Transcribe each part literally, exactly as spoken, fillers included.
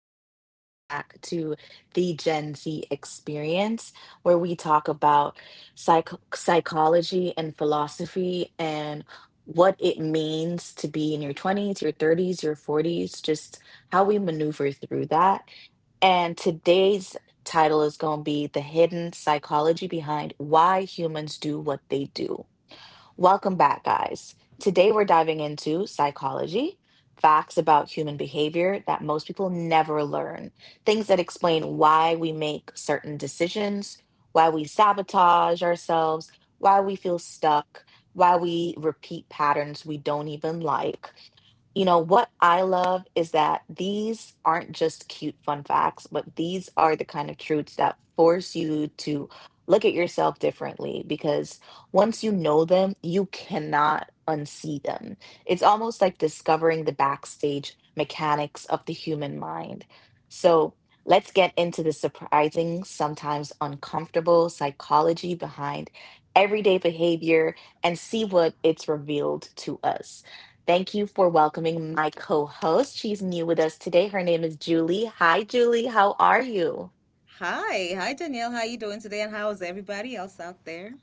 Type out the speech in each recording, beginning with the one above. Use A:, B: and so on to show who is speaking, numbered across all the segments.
A: Welcome back to the Gen Z experience, where we talk about psych psychology and philosophy and what it means to be in your twenties, your thirties, your forties, just how we maneuver through that. And today's title is going to be The Hidden Psychology Behind Why Humans Do What They Do. Welcome back, guys. Today we're diving into psychology, facts about human behavior that most people never learn, things that explain why we make certain decisions, why we sabotage ourselves, why we feel stuck, why we repeat patterns we don't even like. You know, what I love is that these aren't just cute fun facts, but these are the kind of truths that force you to look at yourself differently, because once you know them, you cannot unsee them. It's almost like discovering the backstage mechanics of the human mind. So let's get into the surprising, sometimes uncomfortable psychology behind everyday behavior and see what it's revealed to us. Thank you for welcoming my co host. She's new with us today. Her name is Julie. Hi, Julie. How are you?
B: Hi, hi Danielle. How you doing today, and how is everybody else out there?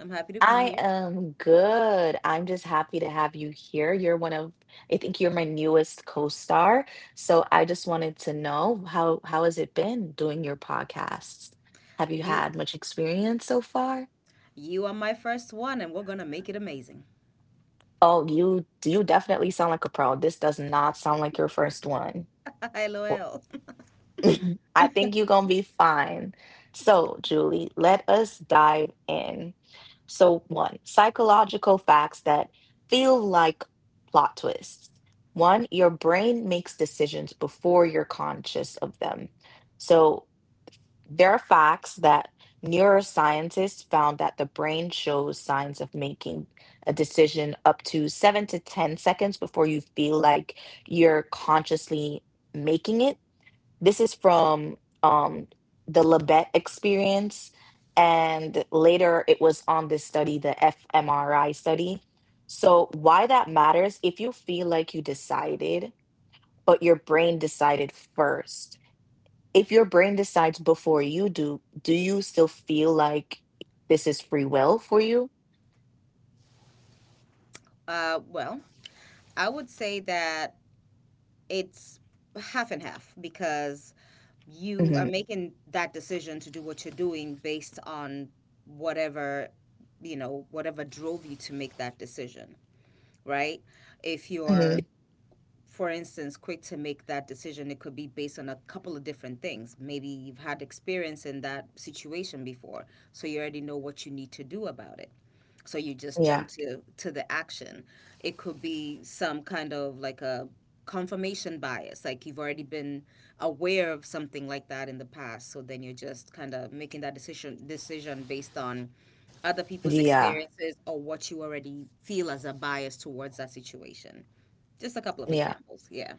B: I'm happy to be
A: I
B: here.
A: am good. I'm just happy to have you here. You're one of, I think you're my newest co-star. So I just wanted to know how how has it been doing your podcasts? Have you
B: You,
A: had much experience so far?
B: you are my first one, and we're gonna make it amazing.
A: Oh, you you definitely sound like a pro. This does not sound like your first one.
B: LOL.
A: I think you're going to be fine. So, Julie, let us dive in. So, one, psychological facts that feel like plot twists. One, your brain makes decisions before you're conscious of them. So, there are facts that neuroscientists found that the brain shows signs of making a decision up to seven to ten seconds before you feel like you're consciously making it. This is from um, the Labette experience. And later it was on this study, the fMRI study. So, why that matters, if you feel like you decided, but your brain decided first, if your brain decides before you do, do you still feel like this is free will for you?
B: Uh, well, I would say that it's half and half because you are
A: Hmm.
B: making that decision to do what you're doing based on whatever, you know whatever drove you to make that decision, right? If you're,
A: Hmm.
B: for instance, quick to make that decision, it could be based on a couple of different things. Maybe you've had experience in that situation before, so you already know what you need to do about it. So you just
A: Yeah.
B: jump to to the action. It could be some kind of like a confirmation bias, like you've already been aware of something like that in the past. So then you're just kind of making that decision decision based on other people's
A: Yeah.
B: experiences or what you already feel as a bias towards that situation. Just a couple of
A: Yeah.
B: examples. Yeah.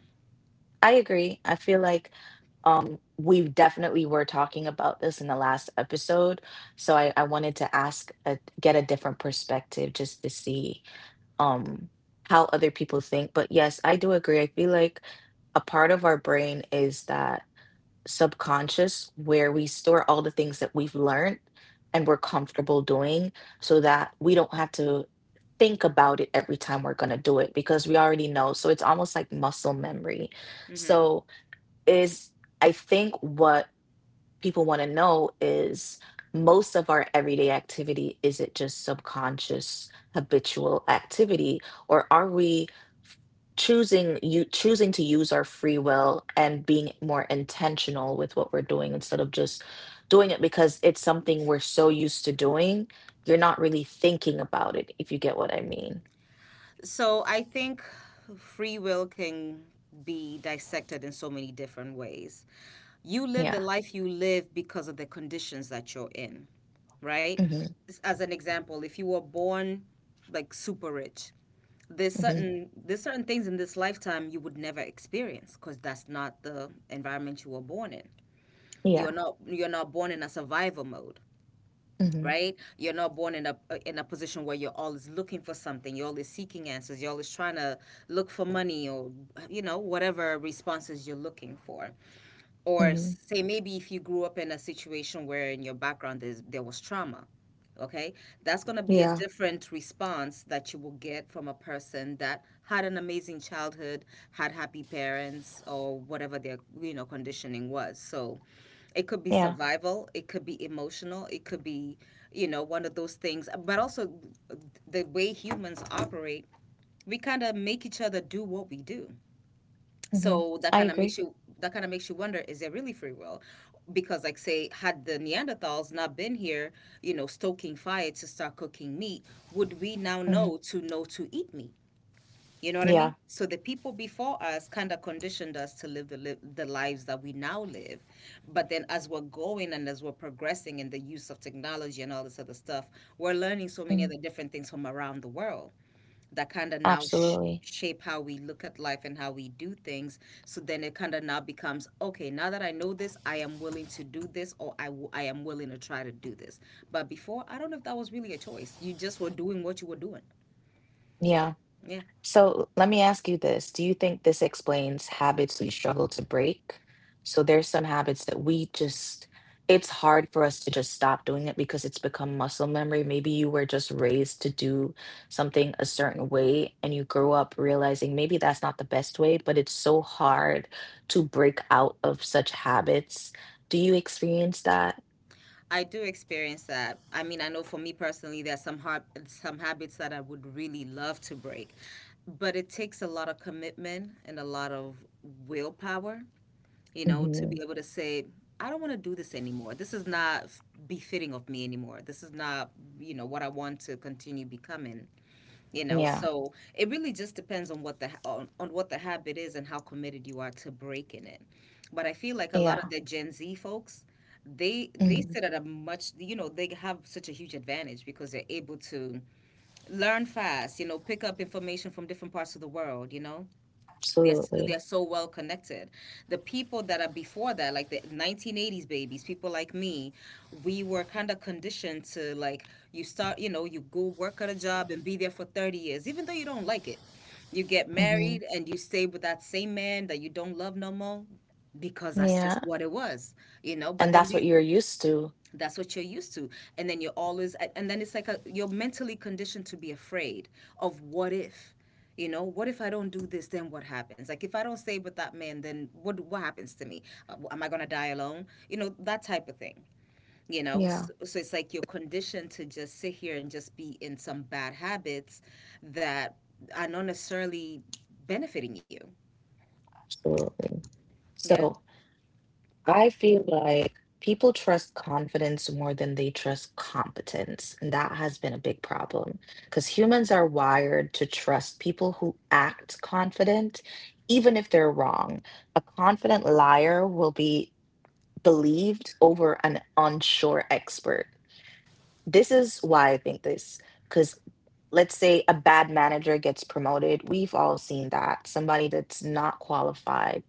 A: I agree. I feel like um, we definitely were talking about this in the last episode, so I, I wanted to ask, a, get a different perspective just to see um, how other people think. But yes, I do agree. I feel like a part of our brain is that subconscious where we store all the things that we've learned and we're comfortable doing, so that we don't have to think about it every time we're going to do it, because we already know. So it's almost like muscle memory.
B: Mm-hmm.
A: So is, I think what people want to know is, most of our everyday activity, is it just subconscious habitual activity, or are we choosing, you choosing to use our free will and being more intentional with what we're doing, instead of just doing it because it's something we're so used to doing you're not really thinking about it, if you get what I mean?
B: So I think free will can be dissected in so many different ways. You live
A: Yeah.
B: the life you live because of the conditions that you're in, right?
A: Hmm.
B: As an example, if you were born like super rich, there's
A: Hmm.
B: certain there's certain things in this lifetime you would never experience because that's not the environment you were born in.
A: Yeah.
B: You're not you're not born in a survival mode.
A: Hmm.
B: Right, you're not born in a uh, in a position where you're always looking for something, you're always seeking answers, you're always trying to look for money, or you know, whatever responses you're looking for. Or
A: Hmm.
B: say maybe if you grew up in a situation where in your background there's, there was trauma, okay, that's going to be a
A: Yeah.
B: different response that you will get from a person that had an amazing childhood, had happy parents, or whatever their, you know, conditioning was. So it could be
A: Yeah.
B: survival, it could be emotional, it could be, you know, one of those things. But also the way humans operate, we kind of make each other do what we do.
A: Hmm.
B: So that
A: I
B: kind of
A: agree.
B: makes you that kind of makes you wonder, is there really free will? Because like say, had the Neanderthals not been here, you know, stoking fire to start cooking meat, would we now know to know to eat meat? You know what I
A: Yeah,
B: mean? So the people before us kind of conditioned us to live the li- the lives that we now live. But then as we're going and as we're progressing in the use of technology and all this other stuff, we're learning so many
A: mm,
B: other different things from around the world that kind of now sh-
A: absolutely.
B: shape how we look at life and how we do things. So then it kind of now becomes, okay, now that I know this, I am willing to do this, or I, w- I am willing to try to do this. But before, I don't know if that was really a choice. You just were doing what you were doing.
A: Yeah.
B: Yeah.
A: So let me ask you this. Do you think this explains habits we struggle to break? So there's some habits that we just, it's hard for us to just stop doing it because it's become muscle memory. Maybe you were just raised to do something a certain way and you grew up realizing maybe that's not the best way, but it's so hard to break out of such habits. Do you experience that?
B: I do experience that. I mean, I know for me personally, there's some hard, some habits that I would really love to break, but it takes a lot of commitment and a lot of willpower, you know, to
A: Hmm.
B: be able to say, I don't want to do this anymore. This is not f- befitting of me anymore. This is not, you know, what I want to continue becoming. You know,
A: Yeah.
B: so it really just depends on what the ha- on, on what the habit is and how committed you are to breaking it. But I feel like a lot of
A: Yeah.
B: the Gen Z folks, they they
A: Mhm.
B: sit at a much, you know, they have such a huge advantage because they're able to learn fast. You know, pick up information from different parts of the world. You know, they're s-
A: Absolutely.
B: they're so well connected. The people that are before that, like the nineteen eighties babies, people like me, we were kind of conditioned to like, you start, you know, you go work at a job and be there for thirty years, even though you don't like it. You get
A: Mm-hmm.
B: married and you stay with that same man that you don't love no more because that's
A: Yeah.
B: just what it was, you know. But
A: And
B: then
A: that's what
B: these,
A: you're used to.
B: that's what you're used to. And then you're always, and then it's like a, you're mentally conditioned to be afraid of what if, you know, what if I don't do this, then what happens? Like if I don't stay with that man, then what what happens to me? Uh, am I going to die alone? You know, that type of thing. You know,
A: Yeah.
B: so, so it's like you're conditioned to just sit here and just be in some bad habits that are not necessarily benefiting you.
A: Absolutely.
B: Yeah.
A: So I feel like people trust confidence more than they trust competence. And that has been a big problem, because humans are wired to trust people who act confident, even if they're wrong. A confident liar will be believed over an unsure expert. This is why I think this, because, let's say a bad manager gets promoted. We've all seen that. Somebody that's not qualified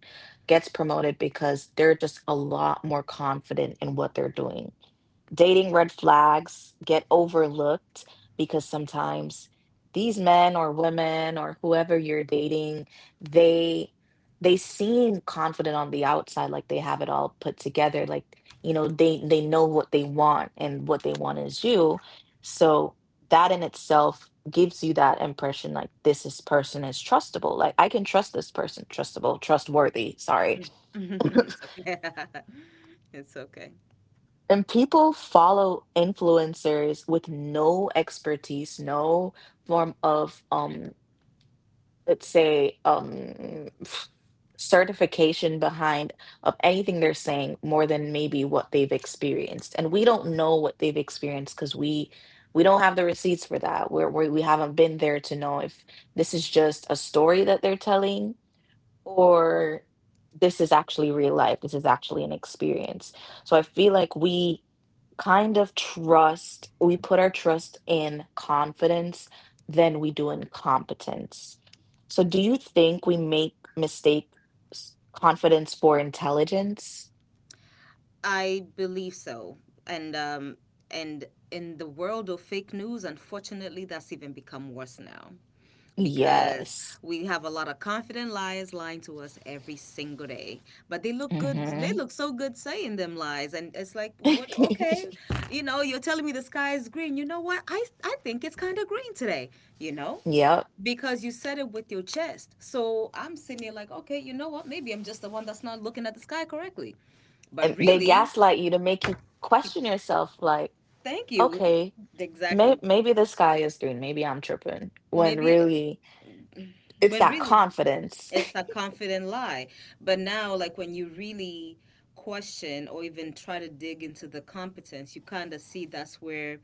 A: gets promoted because they're just a lot more confident in what they're doing. Dating
B: Right.
A: red flags get overlooked because sometimes these men or women or whoever you're dating, they they seem confident on the outside, like they have it all put together, like, you know, they they know what they want and what they want is you. So that in itself gives you that impression, like this is person is trustable, like I can trust this person. Trustable, trustworthy, sorry.
B: It's okay. It's okay.
A: And people follow influencers with no expertise, no form of um, let's say um certification behind of anything they're saying, more than maybe what they've experienced. And we don't know what they've experienced, because we we don't have the receipts for that. We're, we we haven't been there to know if this is just a story that they're telling, or this is actually real life. This is actually an experience. So I feel like we kind of trust, we put our trust in confidence than we do in competence. So do you think we make mistake s- confidence for intelligence?
B: I believe so, and um, and in the world of fake news, unfortunately, that's even become worse now, because
A: Yes.
B: we have a lot of confident liars lying to us every single day. But they look good. They
A: Hmm.
B: look so good saying them lies, and it's like, what? Okay, you know, you're telling me the sky is green. You know what? I I think it's kind of green today. You know,
A: Yep.
B: because you said it with your chest. So I'm sitting here like, okay, you know what? Maybe I'm just the one that's not looking at the sky correctly.
A: And
B: But
A: they
B: really,
A: gaslight you to make you question yourself, like,
B: thank you.
A: okay, may-
B: Exactly.
A: maybe the sky is green, maybe I'm tripping, when
B: Maybe
A: really it's
B: when
A: that
B: really,
A: confidence.
B: it's a confident lie. But now, like when you really question or even try to dig into the competence, you kind of see that's where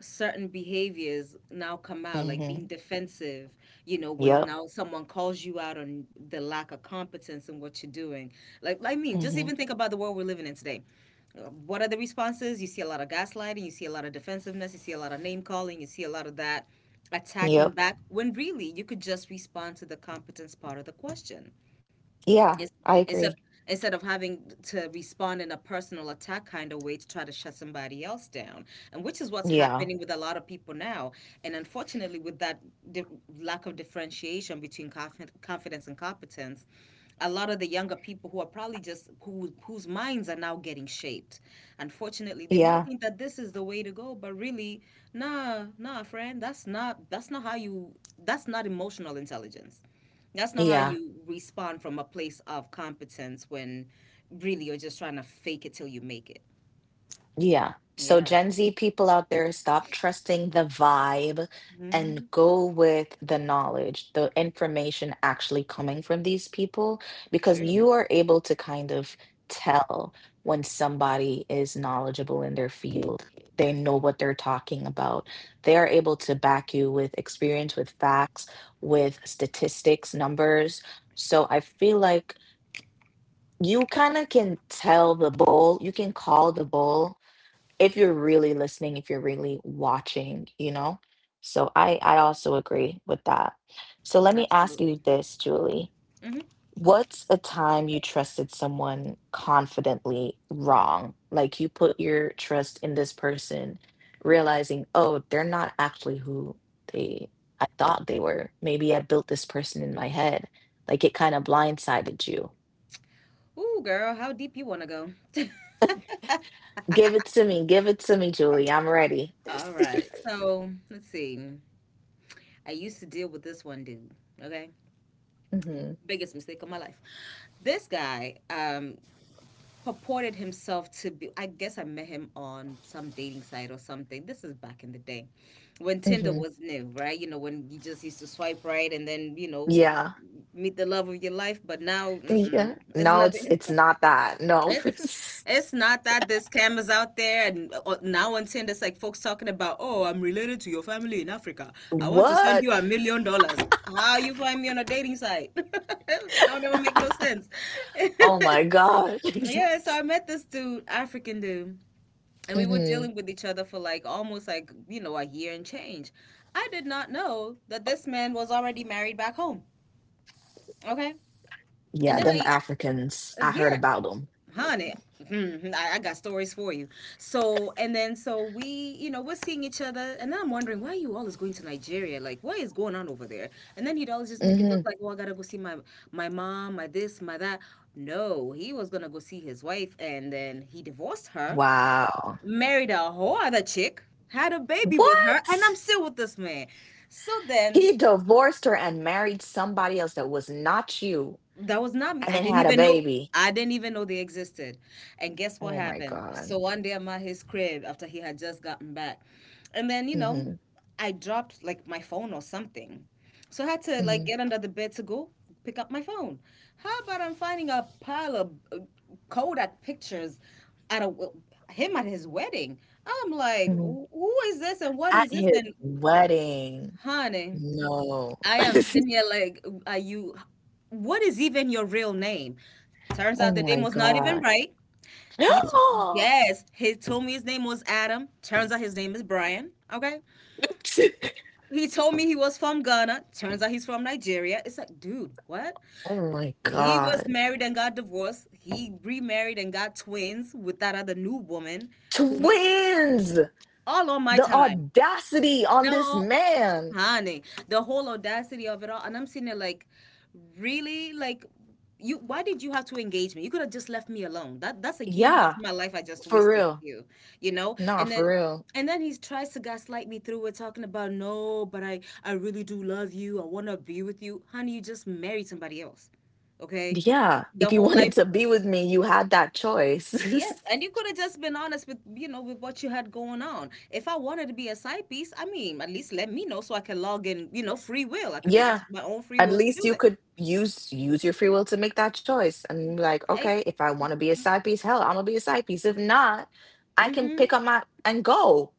B: certain behaviors now come out, like being
A: Hmm.
B: defensive, you know, when
A: Yep.
B: now someone calls you out on the lack of competence in what you're doing. Like, I mean, just
A: Hmm.
B: even think about the world we're living in today. Uh, What are the responses? You see a lot of gaslighting, you see a lot of defensiveness, you see a lot of name calling, you see a lot of that
A: Yep.
B: attacking back when really you could just respond to the competence part of the question. Yes.
A: Yeah. I
B: Instead
A: agree.
B: instead of having to respond in a personal attack kind of way to try to shut somebody else down. And which is what's
A: Yeah,
B: happening with a lot of people now. And unfortunately, with that di- lack of differentiation between confi- confidence and competence, a lot of the younger people who are probably just who, whose minds are now getting shaped. Unfortunately, they might
A: yeah,
B: think that this is the way to go, but really, nah, nah, friend, that's not that's not how you that's not emotional intelligence. That's not how
A: yeah,
B: you respond from a place of competence when really you're just trying to fake it till you make it.
A: yeah. So,
B: Yeah.
A: Gen Z people out there, stop trusting the vibe and
B: Mm-hmm.
A: go with the knowledge, the information actually coming from these people, because
B: True.
A: you are able to kind of tell when somebody is knowledgeable in their field. They know what they're talking about. They are able to back you with experience, with facts, with statistics, numbers. So, I feel like you kind of can tell the bull, you can call the bull if you're really listening, if you're really watching, you know? So I I also agree with that. So let me ask you
B: Absolutely.
A: this, Julie.
B: Mm-hmm.
A: What's a time you trusted someone confidently wrong? Like, you put your trust in this person, realizing, oh, they're not actually who they I thought they were. Maybe I built this person in my head. Like it kind of blindsided you.
B: Ooh, girl, how deep you want to go?
A: Give it to me. Give it to me, Julie. I'm ready.
B: All right. So let's see. I used to deal with this one dude. Okay.
A: Hmm.
B: Biggest mistake of my life. This guy, um, purported himself to be, I guess I met him on some dating site or something. This is back in the day when Tinder
A: Hmm.
B: was new, right? You know, when you just used to swipe right and then, you know,
A: Yeah.
B: meet the love of your life, but now
A: Yeah.
B: mm-mm, it's
A: No, it's
B: nothing.
A: it's not that. No.
B: It's it's not that, there's scammers out there, and uh, now on Tinder, it's like folks talking about, oh, I'm related to your family in Africa. I want to send
A: What?
B: you a million dollars. How you find me on a dating site? Don't ever make no sense.
A: Oh my God.
B: Yeah, so I met this dude, African dude, and we were
A: Hmm.
B: dealing with each other for like almost like, you know, a year and change. I did not know that this man was already married back home. Okay? And
A: Yeah,
B: then
A: them
B: I,
A: Africans. I heard
B: yeah,
A: about them.
B: honey, mhm, I, I got stories for you. So, and then so we, you know, we're seeing each other, and then I'm wondering, why are you always going to Nigeria? Like, what is going on over there? And then he'd always just make it look
A: Hmm.
B: like, oh, I gotta go see my my mom, my this, my that. No, he was gonna go see his wife, and then he divorced her,
A: Wow.
B: married a whole other chick, had a baby with her,
A: What?
B: and I'm still with this man. So then,
A: He divorced her and married somebody else that was not you,
B: that was not me.
A: and
B: I
A: then
B: didn't
A: had a
B: even know.
A: baby.
B: I didn't even know they existed. And guess what
A: Oh my
B: happened? So
A: God.
B: one day I'm at his crib after he had just gotten back. And then, you know,
A: Hmm.
B: I dropped like my phone or something. So I had to like
A: Hmm.
B: get under the bed to go pick up my phone. How about I'm finding a pile of uh, Kodak pictures at a w- him at his wedding? I'm like,
A: Hmm.
B: "Wh- who is this and what
A: At
B: is this?
A: his
B: And
A: wedding.
B: honey,
A: No.
B: I am sitting here like, are you? What is even your real name? Turns
A: Oh
B: out the name
A: my
B: was not even
A: God.
B: right. He t- yes, he told me his name was Adam. Turns out his name is Brian. Okay. He told me he was from Ghana. Turns out he's from Nigeria. It's like, dude, what?
A: Oh my
B: He was
A: God.
B: married and got divorced. He remarried and got twins with that other new woman who he,
A: Twins!
B: all on my
A: The
B: time.
A: audacity on this
B: No,
A: man.
B: honey, the whole audacity of it all. And I'm sitting there like, really, like, you, why did you have to engage me? You could have just left me alone. That that's a year and a half
A: Yeah,
B: of my life I just
A: for
B: wasted with
A: real.
B: you. you know
A: Nah,
B: and then
A: for real.
B: and then he tries to gaslight me through it, talking about, "No, but i i really do love you. I want to be with you." Honey, you just married somebody else. Okay.
A: Yeah,
B: The
A: if you
B: whole
A: wanted
B: life.
A: to be with me, you had that choice.
B: Yes, and you could have just been honest with, you know with what you had going on. If I wanted to be a side piece, I mean, at least let me know so I can log in. You know, free will. I could have
A: Yeah,
B: used my own free
A: at
B: will to
A: least
B: do
A: you
B: that.
A: could use use your free will to make that choice and be like, okay,
B: Ex-
A: if I want to be a side piece, hell, I'm gonna be a side piece. If not, I can
B: hmm.
A: pick up my and go.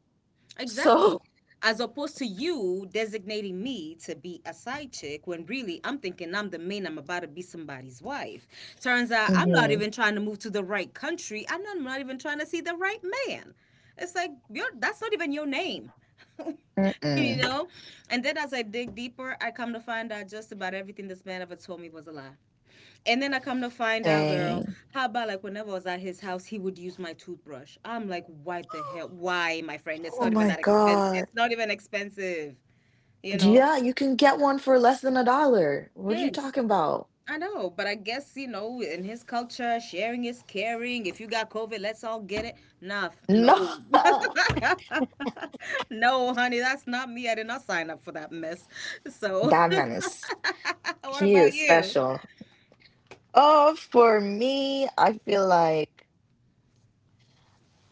B: Exactly.
A: So,
B: As opposed to you designating me to be a side chick when really I'm thinking I'm the main. I'm about to be somebody's wife. Turns out I'm not
A: mm-hmm.
B: even trying to move to the right country. I'm not, I'm not even trying to see the right man. It's like you're, that's not even your name. You
A: Mm-mm.
B: know? And then as I dig deeper, I come to find out just about everything this man ever told me was a lie. And then I come to find out, girl,
A: Dang.
B: how about, like, whenever I was at his house, he would use my toothbrush? I'm like, why the hell? Why, my friend? It's
A: Oh
B: not even
A: my
B: that expensive.
A: God.
B: It's not even expensive, you know?
A: Yeah, you can get one for less than a dollar. What are you
B: Thanks.
A: talking about?
B: I know, but I guess, you know, in his culture, sharing is caring. If you got COVID, let's all get it. Nah, f-
A: No.
B: no. No, honey, that's not me. I did not sign up for that mess. So,
A: That man is,
B: what
A: he
B: about
A: is
B: you?
A: special. Oh, for me, I feel like,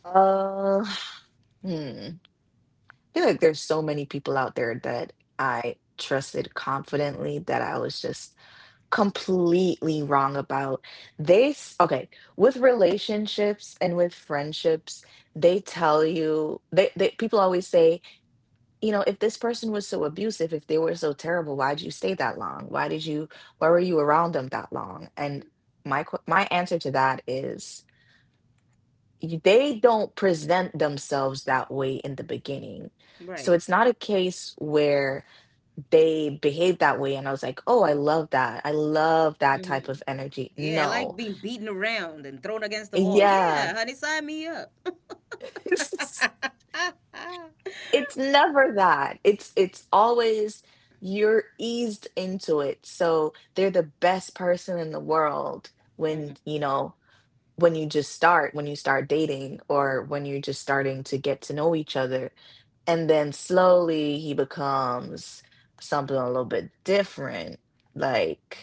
A: uh, hmm. I feel like there's so many people out there that I trusted confidently that I was just completely wrong about. They, s- okay, with relationships and with friendships, they tell you, they, they people always say, you know, if this person was so abusive, if they were so terrible, why did you stay that long? Why did you, why were you around them that long? And my que- my answer to that is, y- they don't present themselves that way in the beginning. So
B: Right.
A: it's not a case where they behave that way and I was like, "Oh, I love that. I love that
B: Hmm.
A: type of energy."
B: Yeah, I like
A: No.
B: being beaten around and thrown against the wall.
A: Yeah.
B: Yeah, honey, sign me up.
A: It's never that. It's it's always you're eased into it, so they're the best person in the world when
B: Hmm.
A: you know when you just start when you start dating or when you're just starting to get to know each other. And then slowly he becomes something a little bit different, like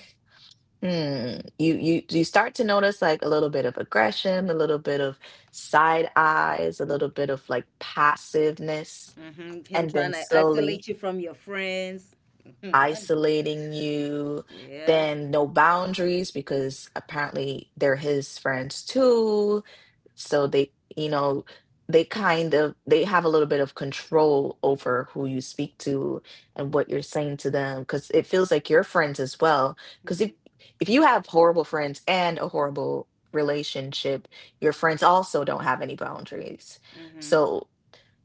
A: hmm you you you start to notice like a little bit of aggression, a little bit of side eyes, a little bit of like passiveness.
B: Hmm. Him
A: And then
B: trying to
A: slowly
B: isolate you from your friends. Hmm. Honey.
A: isolating you,
B: Yeah.
A: then no boundaries because apparently they're his friends too. So they, you know they kind of, they have a little bit of control over who you speak to and what you're saying to them, because it feels like your friends as well. Because if
B: Hmm.
A: if you have horrible friends and a horrible relationship, your friends also don't have any boundaries.
B: Hmm.
A: So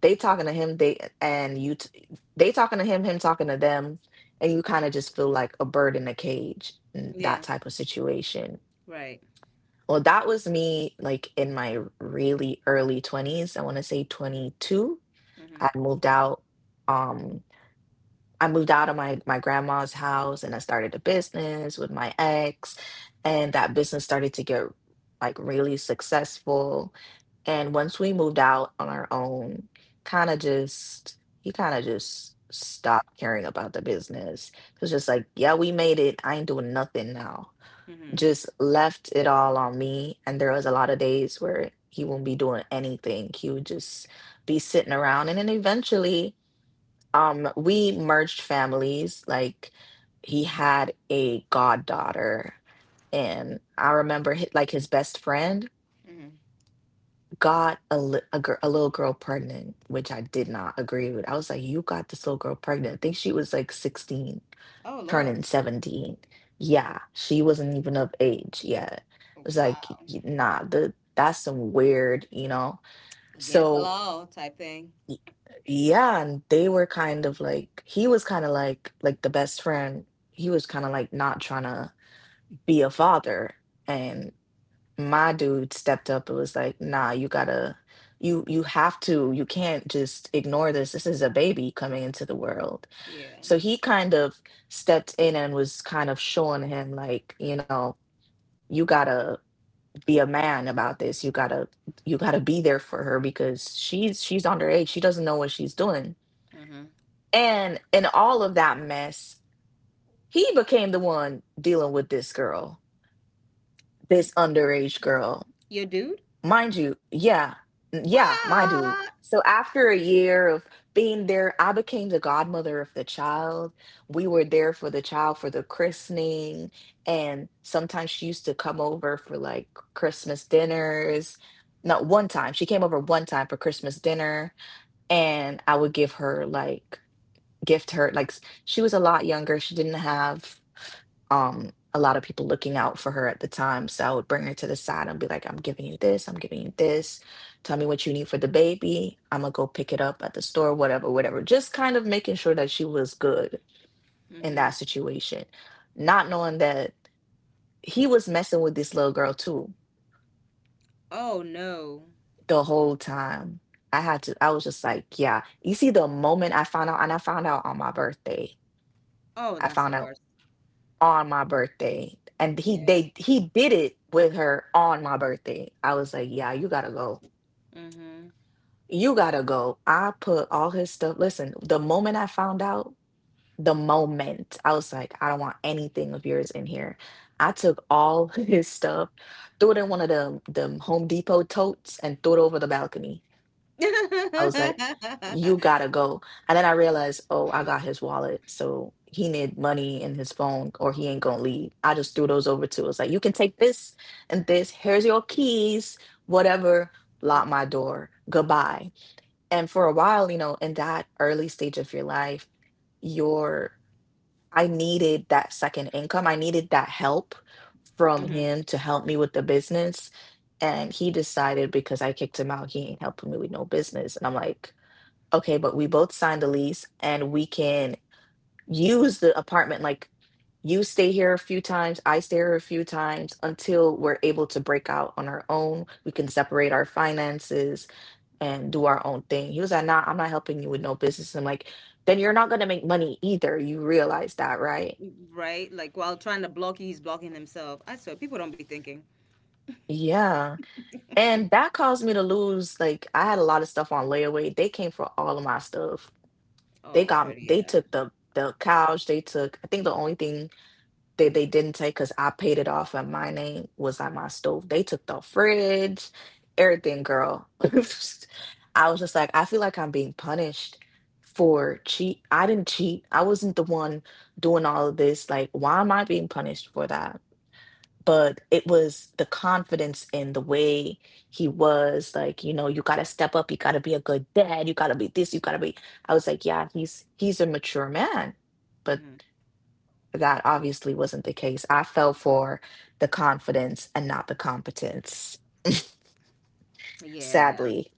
A: they talking to him, they and you t- they talking to him, him talking to them, and you kind of just feel like a bird in a cage, in
B: Yeah.
A: that type of situation.
B: Right.
A: Well, that was me like in my really early twenties. I want to say twenty-two.
B: Hmm.
A: I moved out. Um I moved out of my my grandma's house and I started a business with my ex, and that business started to get like really successful. And once we moved out on our own, kind of just he kind of just stopped caring about the business. It was just like, yeah, we made it. I ain't doing nothing now.
B: Hmm.
A: Just left it all on me. And there was a lot of days where he wouldn't be doing anything. He would just be sitting around. And then eventually um we merged families. Like, he had a goddaughter, and I remember hi like his best friend
B: Hmm.
A: got a, li- a, gir- a little girl pregnant, which I did not agree with. I was like, you got this little girl pregnant? I think she was like sixteen
B: Oh Lord.
A: turning seventeen. Yeah, she wasn't even of age yet. It was like
B: Wow.
A: y- nah, the that's some weird, you know
B: Against the
A: so
B: law type thing.
A: Y- yeah, and they were kind of like, he was kind of like like the best friend. He was kind of like not trying to be a father, and my dude stepped up and was like, "Nah, you gotta, you you have to, you can't just ignore this. This is a baby coming into the world."
B: Yeah.
A: So he kind of stepped in and was kind of showing him like, you know, you gotta be a man about this. You gotta, you gotta be there for her because she's she's underage. She doesn't know what she's doing.
B: Hmm.
A: And in all of that mess, he became the one dealing with this girl, this underage girl.
B: Your dude?
A: Mind you, yeah, yeah, my dude.
B: What?
A: So after a year of being there, I became the godmother of the child. We were there for the child for the christening. And sometimes she used to come over for like Christmas dinners. Not one time. She came over one time for Christmas dinner. And I would give her like, gift her like s- she was a lot younger, she didn't have um a lot of people looking out for her at the time. So I would bring her to the side and be like, I'm giving you this, I'm giving you this, tell me what you need for the baby, I'm gonna go pick it up at the store, whatever, whatever, just kind of making sure that she was good in that
B: Hmm.
A: situation, not knowing that he was messing with this little girl too
B: Oh no.
A: the whole time. I had to I was just like, yeah, you see, the moment I found out, and I found out on my birthday,
B: Oh,
A: I
B: that's the
A: found out
B: worst.
A: on my birthday, and he
B: Yeah.
A: they he did it with her on my birthday. I was like, yeah, you gotta go.
B: Mhm.
A: You gotta go. I put all his stuff, listen, the moment I found out, the moment, I was like, I don't want anything of yours in here. I took all his stuff, threw it in one of the them Home Depot totes and threw it over the balcony. I was like, you gotta go. And then I realized, oh, I got his wallet. So he need money in his phone or he ain't gonna leave. I just threw those over to us. Like, you can take this and this. Here's your keys, whatever. Lock my door. Goodbye. And for a while, you know, in that early stage of your life, your I needed that second income. I needed that help from
B: Hmm.
A: him to help me with the business. And he decided because I kicked him out, he ain't helping me with no business. And I'm like, okay, but we both signed the lease and we can use the apartment, like, you stay here a few times, I stay here a few times until we're able to break out on our own. We can separate our finances and do our own thing. He was like, nah, I'm not helping you with no business. I'm like, then you're not going to make money either. You realize that, right?
B: Right? Like while trying to block you, he's blocking himself. I swear, people don't be thinking.
A: Yeah. And that caused me to lose. Like, I had a lot of stuff on layaway. They came for all of my stuff.
B: Oh,
A: They
B: sorry to
A: got,
B: hear
A: they
B: that.
A: took the, the couch. They took, I think the only thing They they didn't take because I paid it off and my name was on, my stove. They took the fridge, everything, girl. I was just like, I feel like I'm being punished for cheat. I didn't cheat. I wasn't the one doing all of this. Like, why am I being punished for that? But it was the confidence in the way he was. Like, you know, you gotta step up. You gotta be a good dad. You gotta be this. You gotta be. I was like, yeah, he's he's a mature man, but
B: Hmm.
A: that obviously wasn't the case. I fell for the confidence and not the competence,
B: Yeah,
A: sadly.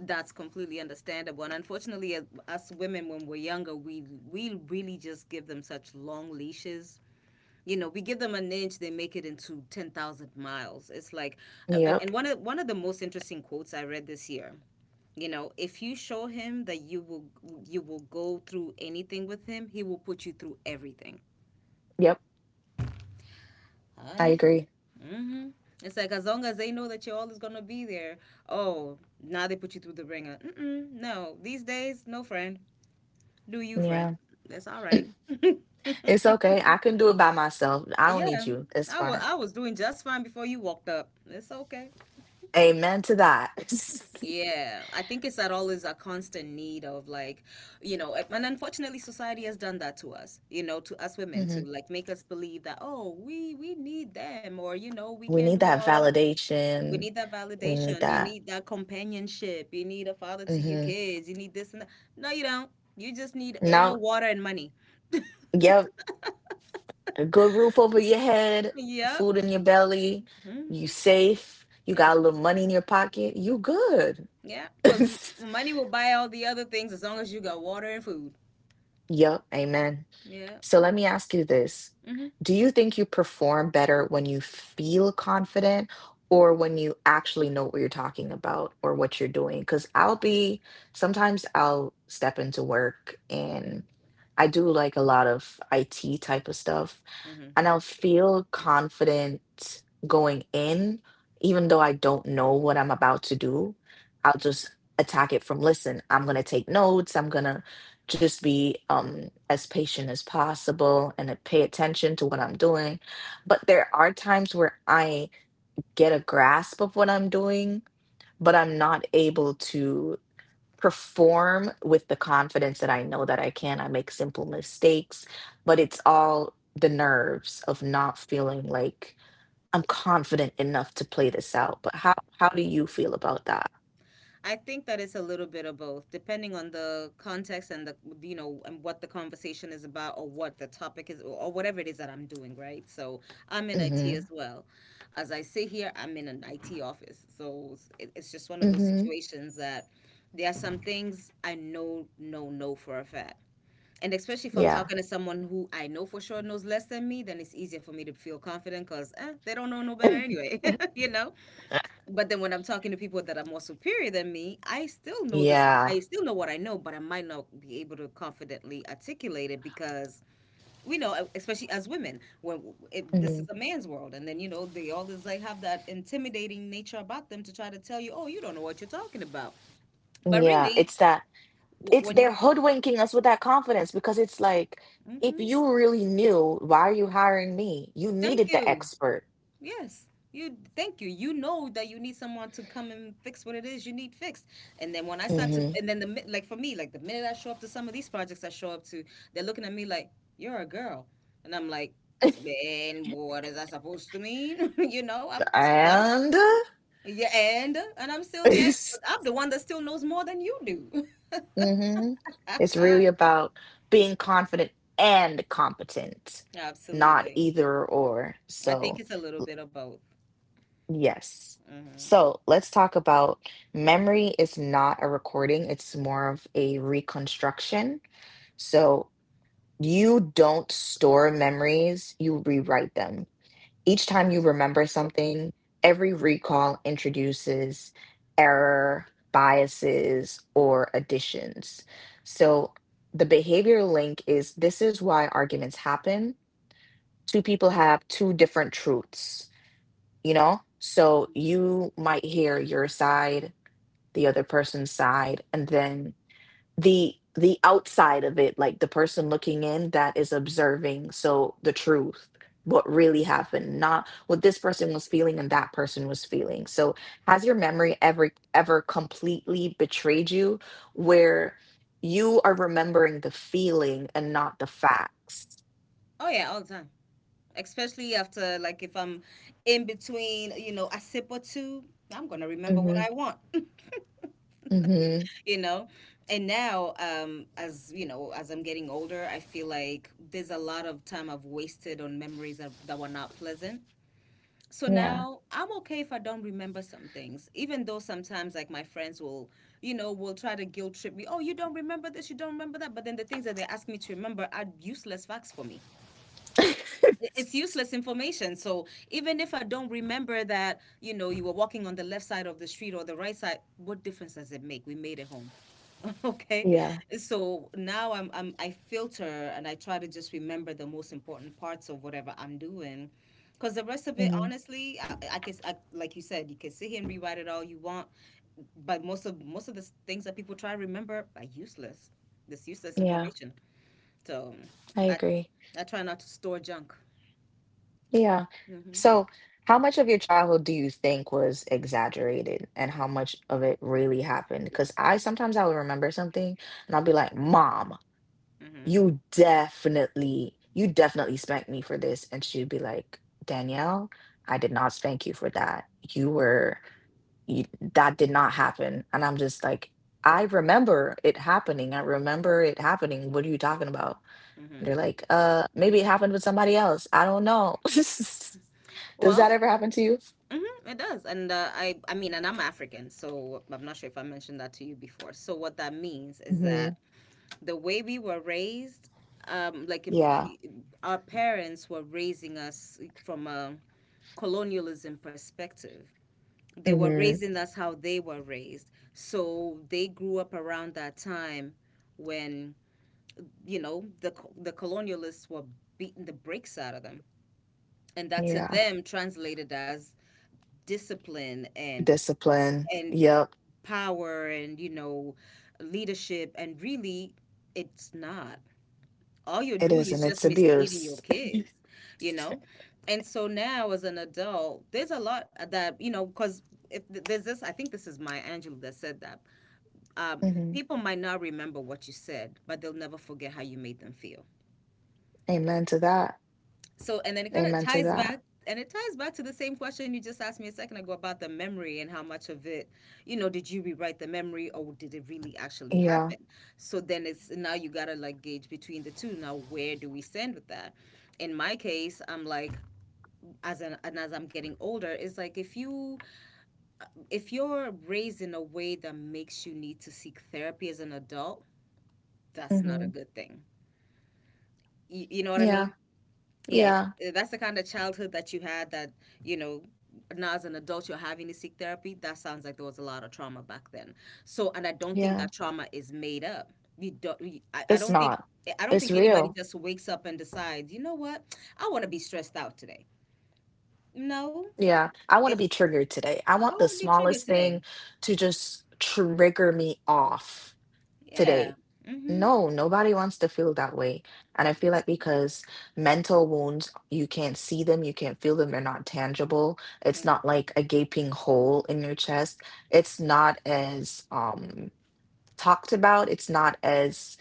B: that's completely understandable. And unfortunately, as us women, when we're younger, we we really just give them such long leashes. You know, we give them an inch, they make it into ten thousand miles. It's like, and
A: Yep.
B: and one of one of the most interesting quotes I read this year. You know, if you show him that you will, you will go through anything with him, he will put you through everything.
A: Yep. I
B: Honey.
A: agree.
B: Hmm. It's like, as long as they know that you're always gonna be there, oh, now they put you through the ringer. Mm-mm, no, these days no, friend. Do you, friend?
A: Yeah.
B: That's all right.
A: It's okay. I can do it by myself. I don't need
B: Yeah.
A: you. It's
B: i was
A: fine.
B: i was doing just fine before you walked up. It's okay.
A: Amen to that.
B: Yeah, I think it's at all is a constant need of, like, you know, and unfortunately society has done that to us, you know, to us women, to
A: Hmm.
B: like make us believe that, oh, we we need them, or you know, we can
A: We
B: not
A: need
B: do it
A: that
B: all on, we
A: validation.
B: need that
A: We need
B: validation, you
A: that.
B: need that companionship, you need a father to your
A: Hmm.
B: kids, you need this and that. No, you don't. You just need air,
A: Now,
B: water and money.
A: yep. A good roof over your head,
B: Yep.
A: food in your belly. You
B: Hmm.
A: safe. You
B: Yes.
A: got a little money in your pocket. You good.
B: Yeah, because money will buy all the other things as long as you got water and food.
A: Yep, amen.
B: Yeah.
A: So let me ask you this.
B: Mm-hmm.
A: Do you think you perform better when you feel confident or when you actually know what you're talking about or what you're doing? Because I'll be, sometimes I'll step into work and I do like a lot of I T type of stuff,
B: Mm-hmm.
A: and I'll feel confident going in, even though I don't know what I'm about to do. I'll just attack it from, listen, I'm going to take notes. I'm going to just be um, as patient as possible and to pay attention to what I'm doing. But there are times where I get a grasp of what I'm doing, but I'm not able to perform with the confidence that I know that I can. I make simple mistakes, but it's all the nerves of not feeling like I'm confident enough to play this out. But how how do you feel about that?
B: I think that it's a little bit of both, depending on the context and the, you know, and what the conversation is about, or what the topic is, or or whatever it is that I'm doing, right? So I'm in I T
A: Mm-hmm.
B: as well. As I sit here, I'm in an I T office, so it- it's just one of those
A: Mm-hmm.
B: situations that there are some things I know know, know for a fact. And especially if I'm
A: Yeah.
B: talking to someone who I know for sure knows less than me, then it's easier for me to feel confident because, eh, they don't know no better anyway, you know? But then when I'm talking to people that are more superior than me, I still know this,
A: Yeah.
B: I still know what I know, but I might not be able to confidently articulate it because we know, e, especially as women, when it, this
A: Hmm.
B: is a man's world, and then you know they always like have that intimidating nature about them to try to tell you, oh, you don't know what you're talking about. But
A: Yeah.
B: really,
A: It's that.
B: w-
A: It's,
B: when you,
A: they're hoodwinking us with that confidence, because it's like, if
B: hmm,
A: you really knew, why are you hiring me? You
B: thank
A: needed the
B: you.
A: expert.
B: Yes. You, thank you. You know that you need someone to come and fix what it is you need fixed. And then when I start to,
A: Hmm.
B: and then the mi- like for me, like the minute I show up to some of these projects I show up to, they're looking at me like, you're a girl, and I'm like, man, what is that supposed to mean? You know, I'm, I'm
A: And
B: yeah, and and I'm still the
A: it's,
B: expert. I'm the one that still knows more than you do.
A: hmm, it's really about being confident and competent, not
B: Absolutely.
A: either or.
B: I
A: So
B: think it's a little bit of both.
A: yes.
B: Hmm.
A: So let's talk about, memory is not a recording, it's more of a reconstruction. So you don't store memories, you rewrite them. Each time you remember something, every recall introduces error, biases, or additions. So the behavior link is, this is why arguments happen. Two people have two different truths, you know? So you might hear your side, the other person's side, and then the the outside of it, like the person looking in that is observing, so the truth, what really happened, not what this person was feeling and that person was feeling. So has your memory ever ever completely betrayed you, where you are remembering the feeling and not the facts?
B: Oh yeah, all the time. Especially after, like, if I'm in between, you know, a sip or two, I'm gonna remember what
A: Mhm.
B: I want,
A: Mhm.
B: you know. And now, um, as you know, as I'm getting older, I feel like there's a lot of time I've wasted on memories that, that were not pleasant. So
A: Yeah.
B: now I'm okay if I don't remember some things, even though sometimes like my friends will, you know, will try to guilt trip me. Oh, you don't remember this, you don't remember that. But then the things that they ask me to remember are useless facts for me. it- it's useless information. So even if I don't remember that, you know, you were walking on the left side of the street or the right side, what difference does it make? We made it home. Okay.
A: Yeah.
B: So now I'm, I'm I filter and I try to just remember the most important parts of whatever I'm doing. Because the rest of it,
A: Mhm.
B: honestly, I, I guess, I, like you said, you can sit here and rewrite it all you want, but most of most of the s- things that people try to remember are useless. This useless
A: Yeah.
B: information. So
A: I
B: I
A: agree.
B: I try not to store junk.
A: Yeah.
B: Mm-hmm.
A: So, how much of your childhood do you think was exaggerated and how much of it really happened? Because I sometimes I would remember something and I'll be like, Mom,
B: Mm-hmm.
A: you definitely, you definitely spanked me for this. And she'd be like, Danielle, I did not spank you for that. You were, you, that did not happen. And I'm just like, I remember it happening. I remember it happening. What are you talking about? And
B: Mm-hmm.
A: they're like, uh, maybe it happened with somebody else. I don't know. Does that
B: Well,
A: ever happen to you?
B: mm-hmm, it does. And uh, I I mean, and I'm African, so I'm not sure if I mentioned that to you before. So what that means is
A: Hmm.
B: that the way we were raised, um, like, in-
A: Yeah.
B: we- our parents were raising us from a colonialism perspective. They were
A: Hmm.
B: raising us how they were raised. So they grew up around that time when, you know, the co- the colonialists were beating the brakes out of them, and that to
A: Yeah.
B: them translated as discipline and
A: Discipline.
B: and
A: Yep.
B: power and, you know, leadership. And really, it's not, all you're
A: It
B: doing
A: is.
B: is
A: And it's
B: just mistreating your
A: abuse.
B: kids, you know. And so now as an adult, there's a lot that, you know, because if th- there's this, I think this is Maya Angelou that said that, um,
A: Hmm.
B: people might not remember what you said, but they'll never forget how you made them feel.
A: Amen to that.
B: So, and then it kind of
A: Amen to
B: ties
A: that.
B: back, and it ties back to the same question you just asked me a second ago about the memory and how much of it, you know, did you rewrite the memory, or did it really actually
A: Yeah.
B: happen? So then it's now you gotta like gauge between the two. Now, where do we stand with that? In my case, I'm like, as an, and as I'm getting older, it's like if you, if you're raised in a way that makes you need to seek therapy as an adult, that's not a
A: Hmm.
B: good thing. You, you know what I
A: Yeah.
B: mean? Yeah.
A: Yeah.
B: Uh, that's the kind of childhood that you had, that, you know, now as an adult you're having to seek therapy. That sounds like there was a lot of trauma back then. So, and I don't think
A: Yeah.
B: that trauma is made up. You don't, you, I, I
A: It's
B: don't think,
A: not.
B: eh, I don't
A: It's
B: think anybody
A: real.
B: just wakes up and decides, you know what, I want to be stressed out today. No.
A: Yeah. I want to
B: It's,
A: be triggered today. I
B: I
A: want
B: want
A: the
B: to be triggered
A: smallest
B: today.
A: thing to just trigger me off
B: Yeah.
A: today.
B: Mm-hmm.
A: No, nobody wants to feel that way. And I feel like because mental wounds, you can't see them, you can't feel them, they're not tangible. It's
B: Mm-hmm.
A: not like a gaping hole in your chest. It's not as um talked about. It's not as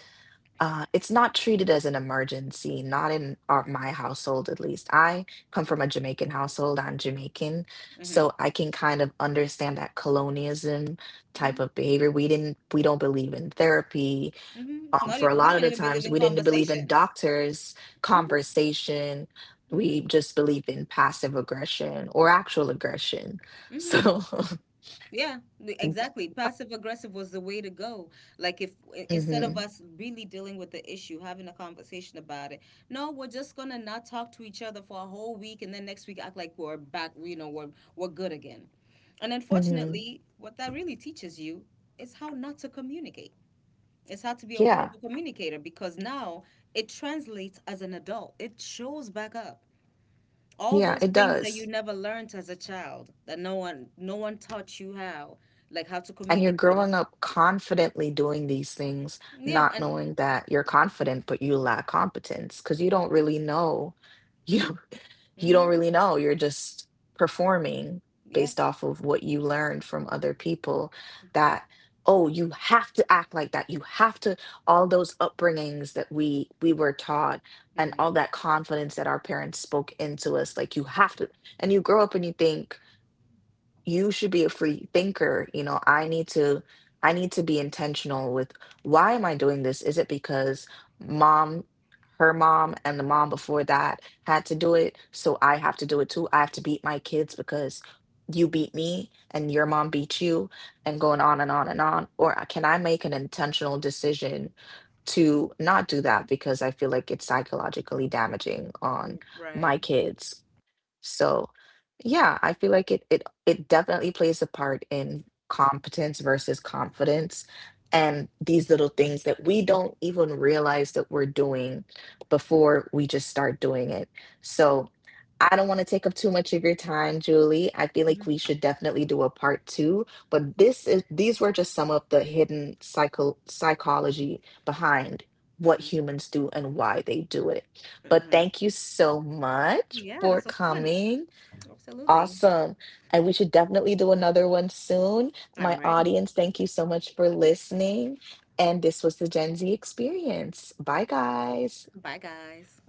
A: uh it's not treated as an emergency, not in our, my household at least. I come from a
B: Mm-hmm.
A: Jamaican household. I'm Jamaican,
B: Mm-hmm.
A: so I can kind of understand that colonialism type of
B: Mm-hmm.
A: behavior. We didn't we don't believe in therapy,
B: Mm-hmm.
A: um,
B: Not e-
A: for a
B: we
A: lot of
B: don't
A: the
B: even believe
A: times
B: in
A: we didn't believe in
B: conversation.
A: doctors,
B: Mm-hmm.
A: conversation,
B: Mm-hmm.
A: we just believe in passive aggression or actual aggression,
B: Mm-hmm.
A: so
B: Yeah, th- exactly. Passive aggressive was the way to go. Like if I- instead of
A: hmm
B: us really dealing with the issue, having a conversation about it, no, we're just gonna not talk to each other for a whole week, and then next week act like we're back. You know, we're we're good again. And
A: hmm
B: unfortunately, what that really teaches you is how not to communicate. It's how to be a
A: yeah.
B: horrible communicator, because now it translates as an adult. It shows back up. All
A: Yeah,
B: those
A: it
B: things that you
A: does.
B: never learned as a child, that no one no one taught you, how, like how to
A: And you're
B: communicate.
A: growing up confidently doing these things,
B: Yeah.
A: not
B: And
A: knowing that you're confident but you lack competence because you don't really know, you you
B: hmm.
A: don't really know. You're just performing
B: Yeah.
A: based off of what you learned from other people, that, oh, you have to act like that, you have to, all those upbringings that we we were taught, and
B: Hmm.
A: all that confidence that our parents spoke into us, like, you have to. And you grow up and you think you should be a free thinker, you know, i need to I need to be intentional with, why am I doing this? Is it because Mom, her mom, and the mom before that had to do it, so I have to do it too? I have to beat my kids because you beat me and your mom beat you, and going on and on and on? Or uh, can I make an intentional decision to not do that because I feel like it's psychologically damaging on
B: Right.
A: my kids? So, yeah, I feel like it it it definitely plays a part in competence versus confidence, and these little things that we don't even realize that we're doing before we just start doing it. So, I don't want to take up too much of your time, Julie. I feel like
B: Hmm.
A: we should definitely do a part two, but this is these were just some of the hidden psycho psychology behind
B: Hmm.
A: what humans do and why they do it. But
B: Hmm.
A: thank you so much
B: Yeah,
A: for
B: this was fun.
A: coming.
B: Absolutely.
A: Awesome. And we should definitely do another one soon.
B: I'm
A: My
B: ready.
A: audience, thank you so much for listening. And this was the Gen Z experience. Bye, guys.
B: Bye guys.